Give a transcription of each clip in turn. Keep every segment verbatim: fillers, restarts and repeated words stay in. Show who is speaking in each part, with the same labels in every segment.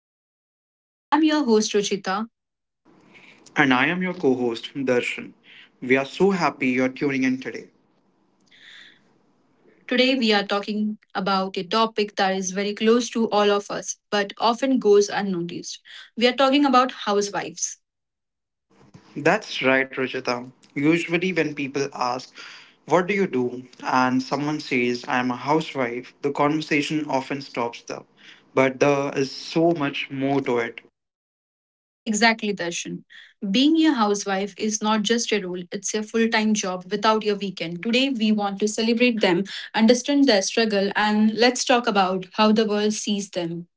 Speaker 1: podcast. I'm your host, Ruchita.
Speaker 2: And I am your co host, Darshan. We are so happy you're tuning in today.
Speaker 1: Today,
Speaker 2: Today
Speaker 1: we
Speaker 2: we
Speaker 1: are
Speaker 2: are.
Speaker 1: talking about a topic that is very close to all of us but often goes unnoticed. We are talking about housewives.
Speaker 2: That's right, Ruchita. Usually, when people ask, "What do you do?" and someone says, "I am a housewife," the conversation often stops there. But there is so much more to it.
Speaker 1: Exactly, Darshan. Being a housewife is not just a role, it's a full time job without your weekend. Today, we want to celebrate them, understand their struggle, and let's talk about how the world sees them.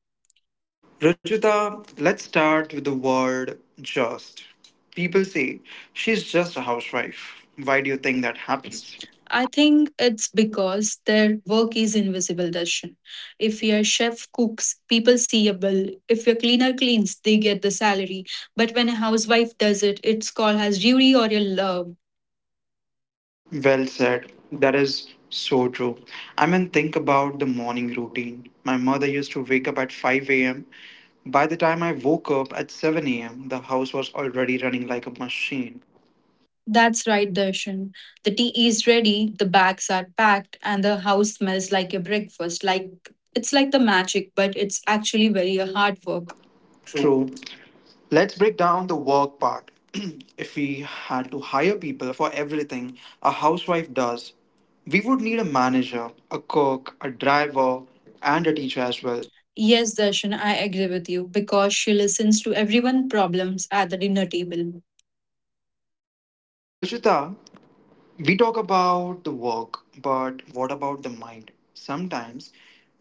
Speaker 2: Ruchita, let's start with the word "just." People say, "She's just a housewife." Why do you think that happens?
Speaker 1: I think it's because their work is invisible, Darshan. If your chef cooks, people see a bill. If your cleaner cleans, they get the salary. But when a housewife does it, it's called as duty or your love.
Speaker 2: Well said. That is so true. I mean, think about the morning routine. My mother used to wake up at five a m. By the time I woke up at seven a m, the house was already running like a machine.
Speaker 1: That's right, Darshan. The tea is ready, the bags are packed, and the house smells like your breakfast. Like it's like the magic, but it's actually very uh, hard work. True.
Speaker 2: True. Let's break down the work part. If we had to hire people for everything a housewife does, we would need a manager, a cook, a driver, and a teacher as well.
Speaker 1: Yes, Darshan, I agree with you because she listens to everyone's problems at the dinner table.
Speaker 2: Ruchita, we talk about the work, but what about the mind? Sometimes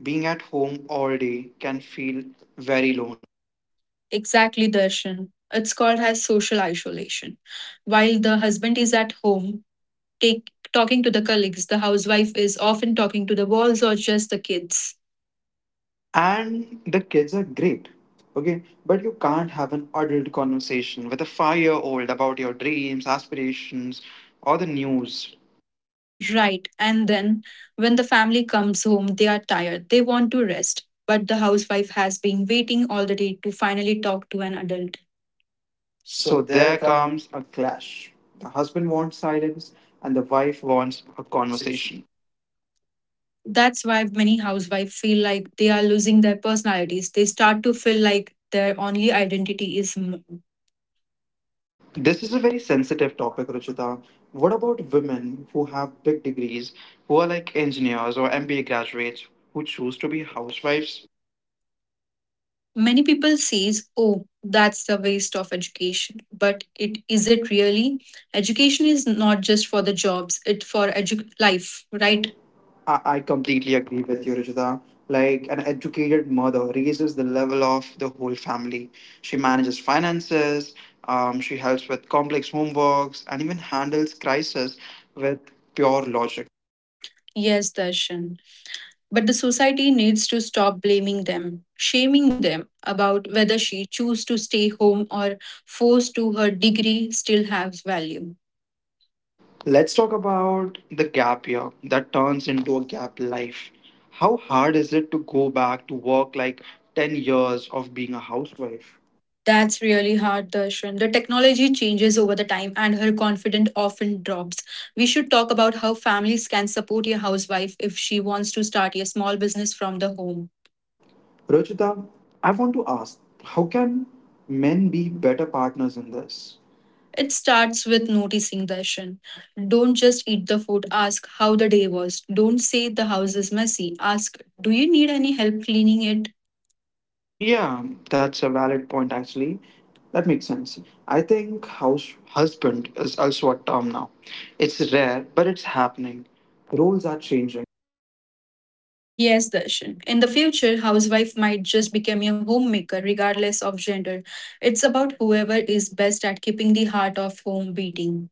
Speaker 2: being at home all day can feel very lonely.
Speaker 1: Exactly, Darshan. It's called as social isolation. While the husband is at home, take talking to the colleagues, the housewife is often talking to the walls or just the kids.
Speaker 2: And the kids are great, okay? But you can't have an adult conversation with a five year old about your dreams, aspirations, or the news.
Speaker 1: Right. And then when the family comes home, they are tired. They want to rest. But the housewife has been waiting all the day to finally talk to an adult. So
Speaker 2: So
Speaker 1: there
Speaker 2: there
Speaker 1: comes
Speaker 2: comes a clash. The husband wants silence, and the wife wants a
Speaker 1: conversation.
Speaker 2: conversation.
Speaker 1: That's why many housewives feel like they are losing their personalities. They start to feel like their only identity is mom.
Speaker 2: This is a very sensitive topic, Ruchita. What about women who have big degrees, who are like engineers or M B A graduates, who choose to be housewives?
Speaker 1: Many people says, "Oh, that's the waste of education." But it is it really? Education is not just for the jobs; it for edu- life,
Speaker 2: Right.
Speaker 1: right?
Speaker 2: I, I completely agree with you, Ruchita. Like an educated mother raises the level of the whole family. She manages finances, um, she helps with complex homeworks, and even handles crisis with pure logic.
Speaker 1: Yes, Darshan. But the society needs to stop blaming them, shaming them about whether she choose to stay home or forced to her degree still has value. Let's
Speaker 2: Let's
Speaker 1: That's
Speaker 2: talk about the gap year that turns into a gap life. How hard is it to go back to work, like ten years of being a housewife?
Speaker 1: That's really hard, Darshan. The technology changes over the time and her confidence often drops. We should talk about how families can support a housewife if she wants to start a small business from the home.
Speaker 2: Rachita, I want to ask, how can men be better partners in this?
Speaker 1: It starts with noticing the action. Don't just eat the food, ask how the day was. Don't say the house is messy, ask, do you need any help cleaning it?
Speaker 2: Yeah, that's a valid point actually. That makes sense. I think house husband is also a term now. It's rare, but it's happening. Roles are changing.
Speaker 1: Yes, Darshan. In the future, housewife might just become a homemaker regardless of gender. It's about whoever is best at keeping the heart of home beating.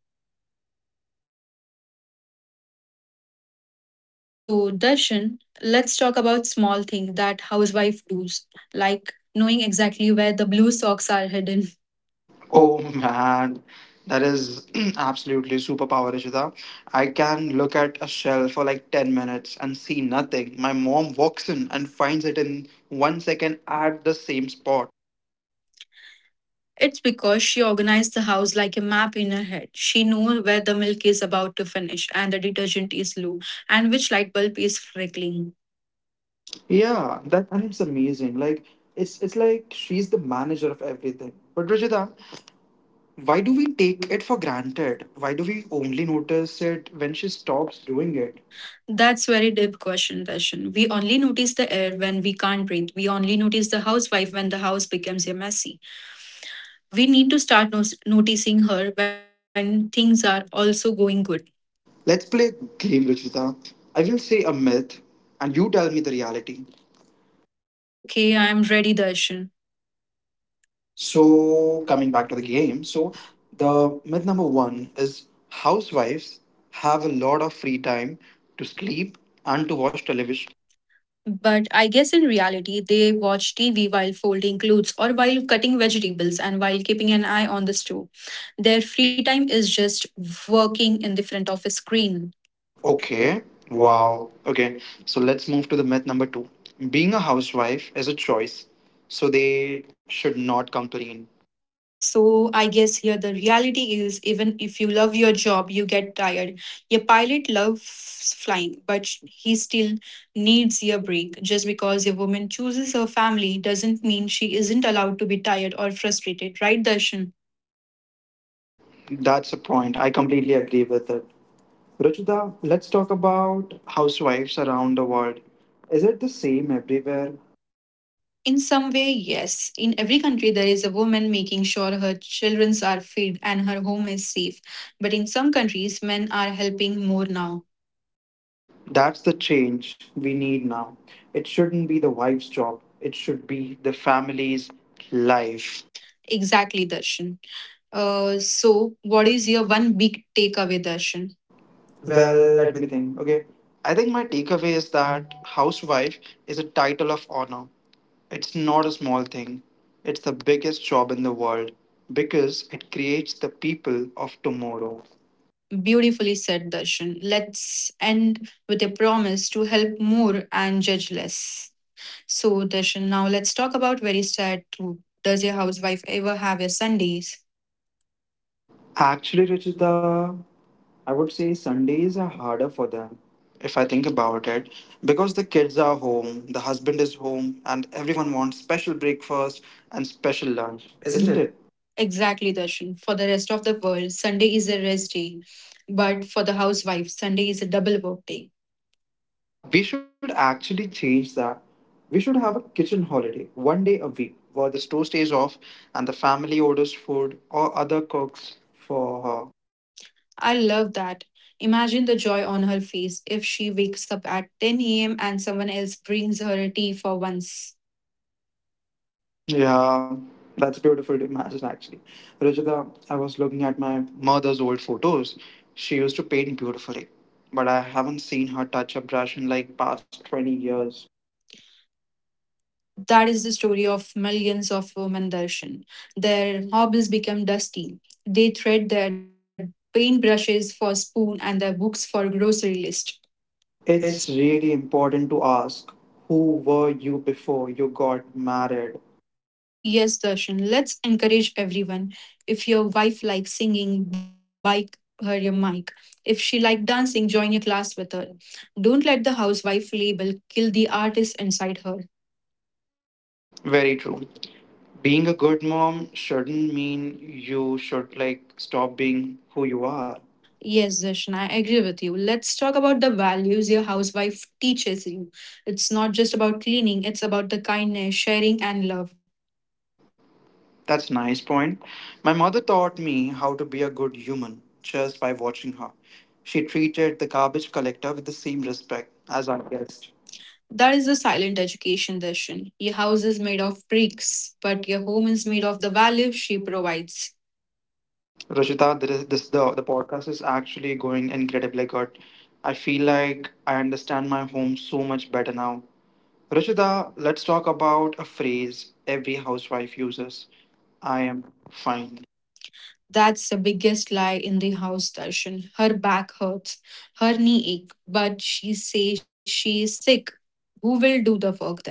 Speaker 1: So, Darshan, let's talk about small things that housewife does, like knowing exactly where the blue socks are hidden.
Speaker 2: Oh man, that is absolutely superpower, Ishita. I can look at a shelf for like ten minutes and see nothing. My mom walks in and finds it in one second at the same spot.
Speaker 1: It's because she organized the house like a map in her head. She knew where the milk is about to finish and the detergent is low and which light bulb is flickering.
Speaker 2: Yeah, that and it's amazing. Like it's it's like she's the manager of everything. But Rajita, why do we take it for granted? Why do we only notice it when she stops doing it?
Speaker 1: That's very deep question, Darshan. We only notice the air when we can't breathe. We only notice the housewife when the house becomes a messy. We need to start nos- noticing her when things are also going good.
Speaker 2: Let's play a game, Rajita. I will say a myth and you tell me the reality.
Speaker 1: Okay, I'm ready, Darshan. So
Speaker 2: So,
Speaker 1: coming
Speaker 2: coming back
Speaker 1: back
Speaker 2: to
Speaker 1: to
Speaker 2: the
Speaker 1: the game,
Speaker 2: game,
Speaker 1: so
Speaker 2: so
Speaker 1: the
Speaker 2: the myth number one is housewives have a lot of free time to sleep and to watch television.
Speaker 1: But I guess in reality, they watch T V while folding clothes or while cutting vegetables and while keeping an eye on the store. Their free time is just working in the front of a screen. Okay.
Speaker 2: Okay,
Speaker 1: Wow.
Speaker 2: wow. Okay, so let's move to the myth number two. Being a housewife is a choice, so they should not complain.
Speaker 1: So I guess here the reality is even if you love your job, you get tired. Your pilot loves flying, but he still needs your break. Just because your woman chooses her family doesn't mean she isn't allowed to be tired or frustrated, right, Darshan?
Speaker 2: That's a point. I completely agree with it. Ruchita, let's talk about housewives around the world. Is it the same everywhere?
Speaker 1: In some way, yes. In every country, there is a woman making sure her children are fed and her home is safe. But in some countries, men are helping more now.
Speaker 2: That's the change we need now. It shouldn't be the wife's job, it should be the family's life.
Speaker 1: Exactly, Darshan. Uh, so, what is your one big takeaway, Darshan? Well,
Speaker 2: Well,
Speaker 1: let
Speaker 2: let
Speaker 1: me.
Speaker 2: me think. Okay. I think my takeaway is that housewife is a title of honor. It's not a small thing, it's the biggest job in the world because it creates the people of tomorrow.
Speaker 1: Beautifully said, Darshan. Let's end with a promise to help more and judge less. So, Darshan, now let's talk about very sad truth. Does your housewife ever have your Sundays?
Speaker 2: Actually, Rachita, I would say Sundays are harder for them if I think about it, because the kids are home, the husband is home, and everyone wants special breakfast and special lunch,
Speaker 1: Isn't
Speaker 2: isn't
Speaker 1: it?
Speaker 2: it?
Speaker 1: Exactly, Darshan. For the rest of the world, Sunday is a rest day. But for the housewife, Sunday is a double work day.
Speaker 2: We should actually change that. We should have a kitchen holiday one day a week where the store stays off and the family orders food or other cooks for her.
Speaker 1: I love that. Imagine the joy on her face if she wakes up at ten a m and someone else brings her a tea for once.
Speaker 2: Yeah, that's beautiful to imagine actually. Ruchita, I was looking at my mother's old photos. She used to paint beautifully, but I haven't seen her touch a brush in like past twenty years.
Speaker 1: That is the story of millions of women, Darshan. Their hobbies become dusty. They thread their paintbrushes for spoon and their books for grocery list.
Speaker 2: It's really important to ask, who were you before you got married?
Speaker 1: Yes, Darshan, let's encourage everyone. If your wife likes singing, buy her a mic. If she likes dancing, join a class with her. Don't let the housewife label kill the artist inside her.
Speaker 2: Very true. Being a good mom shouldn't mean you should like stop being who you are.
Speaker 1: Yes, Darshan, I agree with you. Let's talk about the values your housewife teaches you. It's not just about cleaning, it's about the kindness, sharing, and love.
Speaker 2: That's a nice point. My mother taught me how to be a good human just by watching her. She treated the garbage collector with the same respect as our guest.
Speaker 1: That is the silent education, Darshan. Your house is made of bricks, but your home is made of the values she provides.
Speaker 2: Rajita, this, this the, the podcast is actually going incredibly good. I feel like I understand my home so much better now. Rajita, let's talk about a phrase every housewife uses: "I am fine."
Speaker 1: That's the biggest lie in the house, Darshan. Her back hurts, her knee ache, but she says she is sick. Who will do the work then?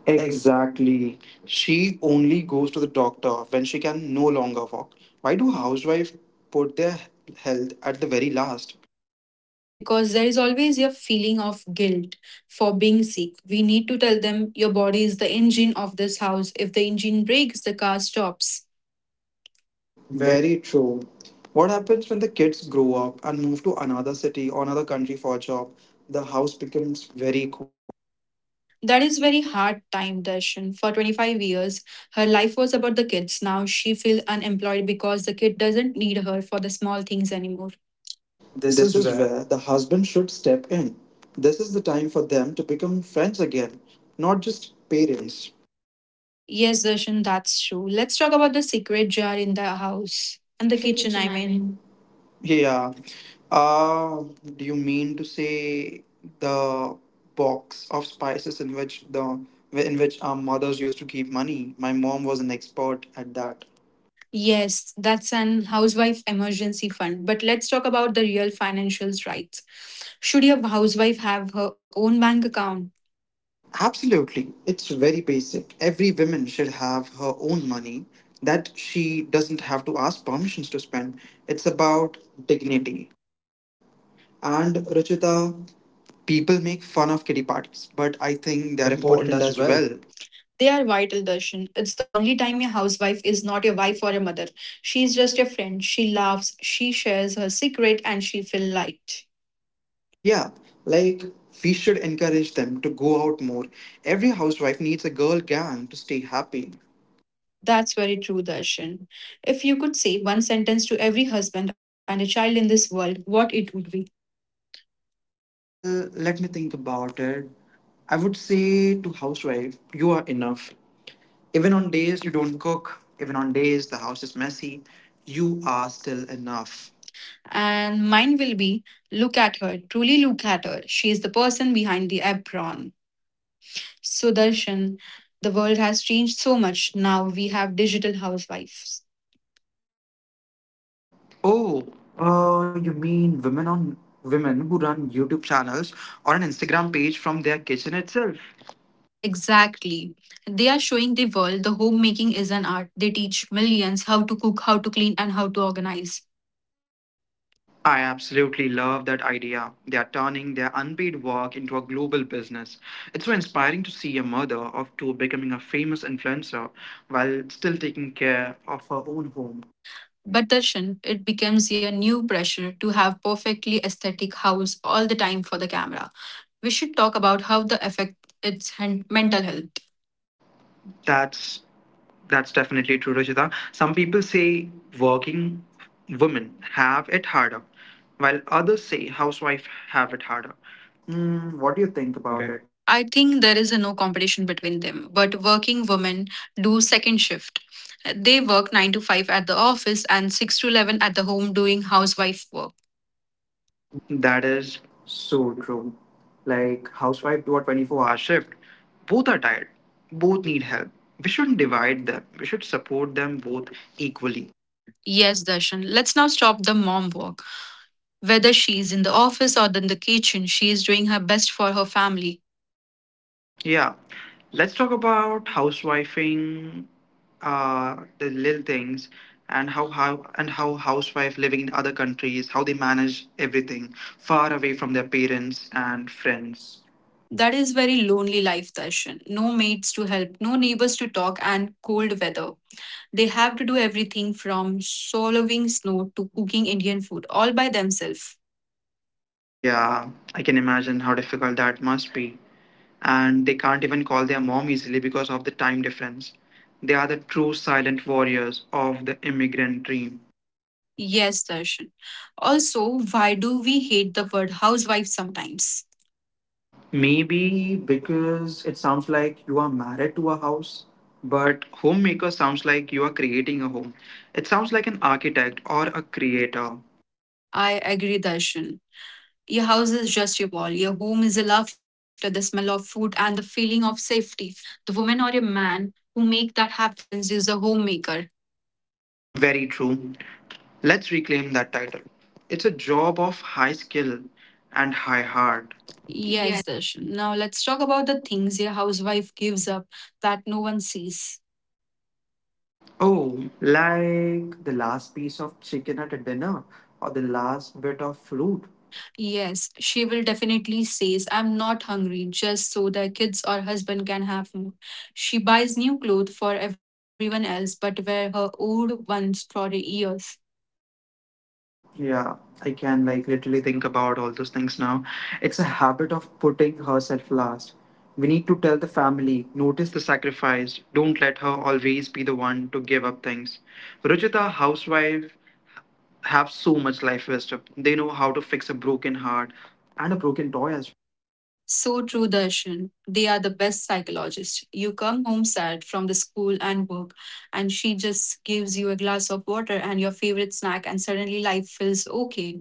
Speaker 1: Ex-
Speaker 2: Exactly. She only goes to the doctor when she can no longer walk. Why do housewives put their health at the very last?
Speaker 1: Because there is always your feeling of guilt for being sick. We need to tell them your body is the engine of this house. If the engine breaks, the car stops. Very-
Speaker 2: Very true. What happens when the kids grow up and move to another city or another country for a job? The house becomes very quiet.
Speaker 1: that is very hard time, Darshan. For twenty-five years, her life was about the kids. Now she feels unemployed because the kid doesn't need her for the small things anymore. This
Speaker 2: This
Speaker 1: is
Speaker 2: is
Speaker 1: where
Speaker 2: where the husband should step in. This is the time for them to become friends again, not just parents.
Speaker 1: Yes, Darshan, that's true. Let's talk about the secret jar in the house. And the
Speaker 2: The
Speaker 1: kitchen, I
Speaker 2: kitchen, I
Speaker 1: mean.
Speaker 2: mean. Yeah, yeah. Uh, do you mean to say the box of spices in which the in which our mothers used to keep money? My mom was an expert at that.
Speaker 1: Yes, that's an housewife emergency fund. But let's talk about the real financials, right? Should your housewife have her own bank account?
Speaker 2: Absolutely. It's very basic. Every woman should have her own money that she doesn't have to ask permissions to spend. It's about dignity. And Ruchita, people make fun of kitty parties, but I
Speaker 1: They
Speaker 2: think
Speaker 1: are
Speaker 2: they're
Speaker 1: important
Speaker 2: important
Speaker 1: as
Speaker 2: as
Speaker 1: well.
Speaker 2: well.
Speaker 1: They are vital, Darshan. It's the only time your housewife is not your wife or a mother. She's just your friend. She laughs, she shares her secret, and she feels light.
Speaker 2: Yeah, like we should encourage them to go out more. Every housewife needs a girl gang to stay happy.
Speaker 1: That's very true, Darshan. If you could say one sentence to every husband and a child in this world, what it would be?
Speaker 2: Well, let me think about it. I would say to housewife, you are enough. Even on days you don't cook, even on days the house is messy, you are still enough.
Speaker 1: And mine will be look at her, truly look at her. She is the person behind the apron. So, Darshan, the world has changed so much. Now we have digital housewives.
Speaker 2: Oh, uh, you mean women on women who run YouTube channels or an Instagram page from their kitchen itself?
Speaker 1: Exactly. They are showing the world the homemaking is an art. They teach millions how to cook, how to clean, and how to organize.
Speaker 2: I absolutely love that idea. They are turning their unpaid work into a global business. It's so inspiring to see a mother of two becoming a famous influencer while still taking care of her own home.
Speaker 1: But Darshan, it becomes a new pressure to have perfectly aesthetic house all the time for the camera. We should talk about how the affect its hen- mental health.
Speaker 2: That's that's definitely true, Rajita. Some people say working women have it harder, while others say housewife have it harder. Mm, what do you think
Speaker 1: About
Speaker 2: about
Speaker 1: it.
Speaker 2: it?
Speaker 1: I think there is a no competition between them, but working women do second shift. They work nine to five at the office and six to eleven at the home doing housewife work.
Speaker 2: That is so true. Like housewife do a twenty-four hour shift. Both are tired. Both need help. We shouldn't divide them. We should support them both equally.
Speaker 1: Yes, Darshan, let's now stop the mom work. Whether she is in the office or in the kitchen, she is doing her best for her family.
Speaker 2: Yeah. Let's talk about housewifing, uh, the little things and how, how and how housewife living in other countries, how they manage everything far away from their parents and friends.
Speaker 1: That is very lonely life, Darshan. No mates to help, no neighbors to talk, and cold weather. They have to do everything from swallowing snow to cooking Indian food all by themselves.
Speaker 2: Yeah, I can imagine how difficult that must be. And they can't even call their mom easily because of the time difference. They are the true silent warriors of the immigrant dream.
Speaker 1: Yes, Darshan. Also, why do we hate the word housewife sometimes?
Speaker 2: Maybe because it sounds like you are married to a house, but homemaker sounds like you are creating a home. It sounds like an architect or a creator.
Speaker 1: I agree, Darshan. Your house is just your wall. Your home is the laughter, the smell of food, and the feeling of safety. The woman or a man who make that happens is a homemaker.
Speaker 2: Very true. Let's reclaim that title. It's a job of high skill and high heart.
Speaker 1: Yes, Darshan. Now let's talk about the things a housewife gives up that no one sees.
Speaker 2: Oh, like the last piece of chicken at a dinner or the last bit of fruit.
Speaker 1: Yes, she will definitely says, I'm not hungry, just so their kids or husband can have food. She buys new clothes for everyone else, but wear her old ones for years.
Speaker 2: Yeah, I can like literally think about all those things now. It's a habit of putting herself last. We need to tell the family, notice the sacrifice, don't let her always be the one to give up things. Ruchita, housewife, have so much life wisdom. They know how to fix a broken heart and a broken toy as
Speaker 1: So true, Darshan. They are the best psychologists. You come home sad from the school and work, and she just gives you a glass of water and your favorite snack, and suddenly life feels okay.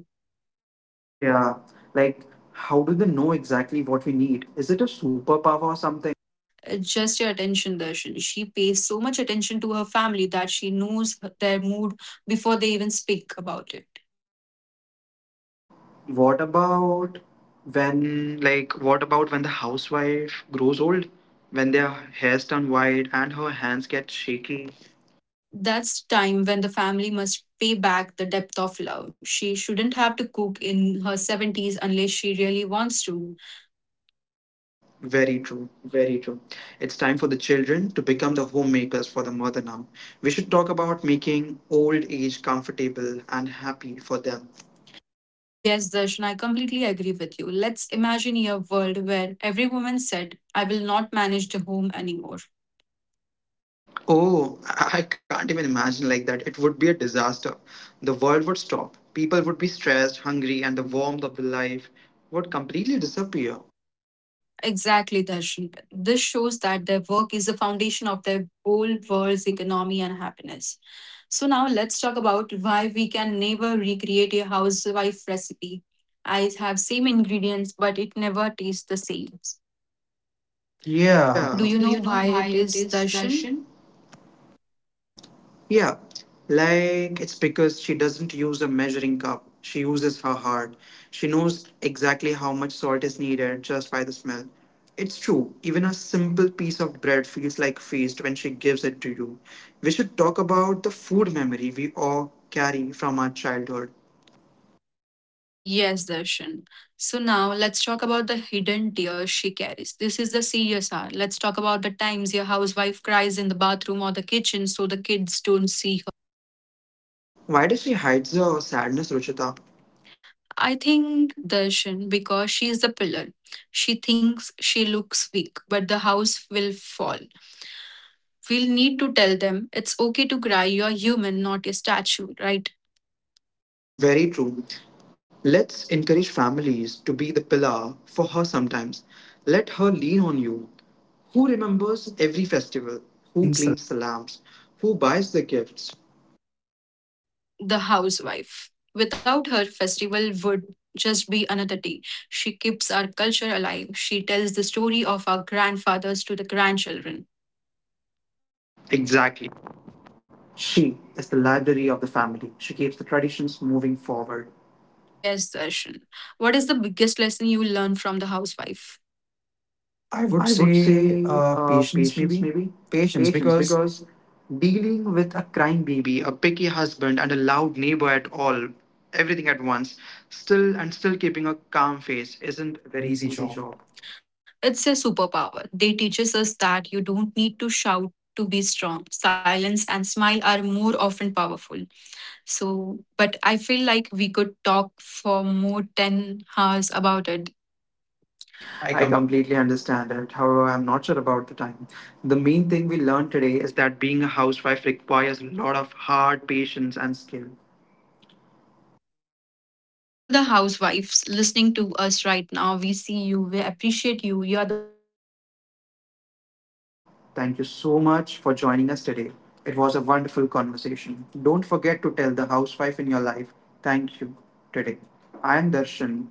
Speaker 2: well. Yeah, like how do they know exactly what we need? Is it a superpower or something?
Speaker 1: uh, Just your attention, Darshan. She pays so much attention to her family that she knows their mood before they even speak about it.
Speaker 2: What about when, like, what about when the housewife grows old? When their hair's turn white and her hands get shaky?
Speaker 1: That's time when the family must pay back the depth of love. She shouldn't have to cook in her seventies unless she really wants to.
Speaker 2: Very true, very true. It's time for the children to become the homemakers for the mother now. We should talk about making old age comfortable and happy for them.
Speaker 1: Yes, Darshan, I completely agree with you. Let's imagine a world where every woman said, I will not manage the home anymore.
Speaker 2: Oh, I I can't even imagine like that. It would be a disaster. The world would stop. People would be stressed, hungry, and the warmth of the life would completely disappear.
Speaker 1: Exactly, Darshan. This shows that their work is the foundation of their whole world's economy and happiness. So now let's talk about why we can never recreate a housewife recipe. I have same ingredients, but it never tastes the same. Yeah. Do
Speaker 2: Yeah.
Speaker 1: you
Speaker 2: Do
Speaker 1: know
Speaker 2: you know
Speaker 1: why
Speaker 2: why
Speaker 1: it
Speaker 2: it
Speaker 1: is,
Speaker 2: is,
Speaker 1: Darshan?
Speaker 2: Darshan? Yeah, like it's because she doesn't use a measuring cup. She uses her heart. She knows exactly how much salt is needed just by the smell. It's true, even a simple piece of bread feels like feast when she gives it to you. We should talk about the food memory we all carry from our childhood.
Speaker 1: Yes, Darshan. So now let's talk about the hidden tears she carries. This is the serious C S R. Let's talk about the times your housewife cries in the bathroom or the kitchen so the kids don't see her.
Speaker 2: Why does she hide the sadness, Ruchita?
Speaker 1: I think Darshan because she is the pillar. She thinks she looks weak, but the house will fall. We'll need to tell them it's okay to cry, you're human, not a statue, right?
Speaker 2: Very true. Let's encourage families to be the pillar for her sometimes. Let her lean on you. Who remembers every festival?
Speaker 1: Who
Speaker 2: Who
Speaker 1: cleans the
Speaker 2: cleans the lamps? Who buys the gifts?
Speaker 1: The housewife. Without her, festival would just be another day. She keeps our culture alive. She tells the story of our grandfathers to the grandchildren.
Speaker 2: Exactly. She is the library of the family. She keeps the traditions moving forward.
Speaker 1: Yes, Darshan. What is the biggest lesson you learned from the housewife? I
Speaker 2: I
Speaker 1: would
Speaker 2: would
Speaker 1: say
Speaker 2: say
Speaker 1: uh,
Speaker 2: uh,
Speaker 1: patience,
Speaker 2: patience, maybe.
Speaker 1: maybe
Speaker 2: Patience,
Speaker 1: patience,
Speaker 2: because
Speaker 1: because deal
Speaker 2: dealing with a crying baby, a picky husband, and a loud neighbor at all, everything at once, still and still keeping a calm face isn't a very
Speaker 1: very
Speaker 2: easy
Speaker 1: easy
Speaker 2: job.
Speaker 1: job. It's a superpower. They teaches us that you don't need to shout to be strong. Silence and smile are more often powerful. So, but I feel like we could talk for more ten hours about it. I
Speaker 2: I
Speaker 1: come.
Speaker 2: completely understand it. However, I'm not sure about the time. The main thing we learned today is that being a housewife requires a lot of hard patience and skill.
Speaker 1: To all the housewives listening to
Speaker 2: Thank you so much for joining us today. It was a wonderful conversation. Don't forget to tell the housewife in your life, thank you today. I am Darshan,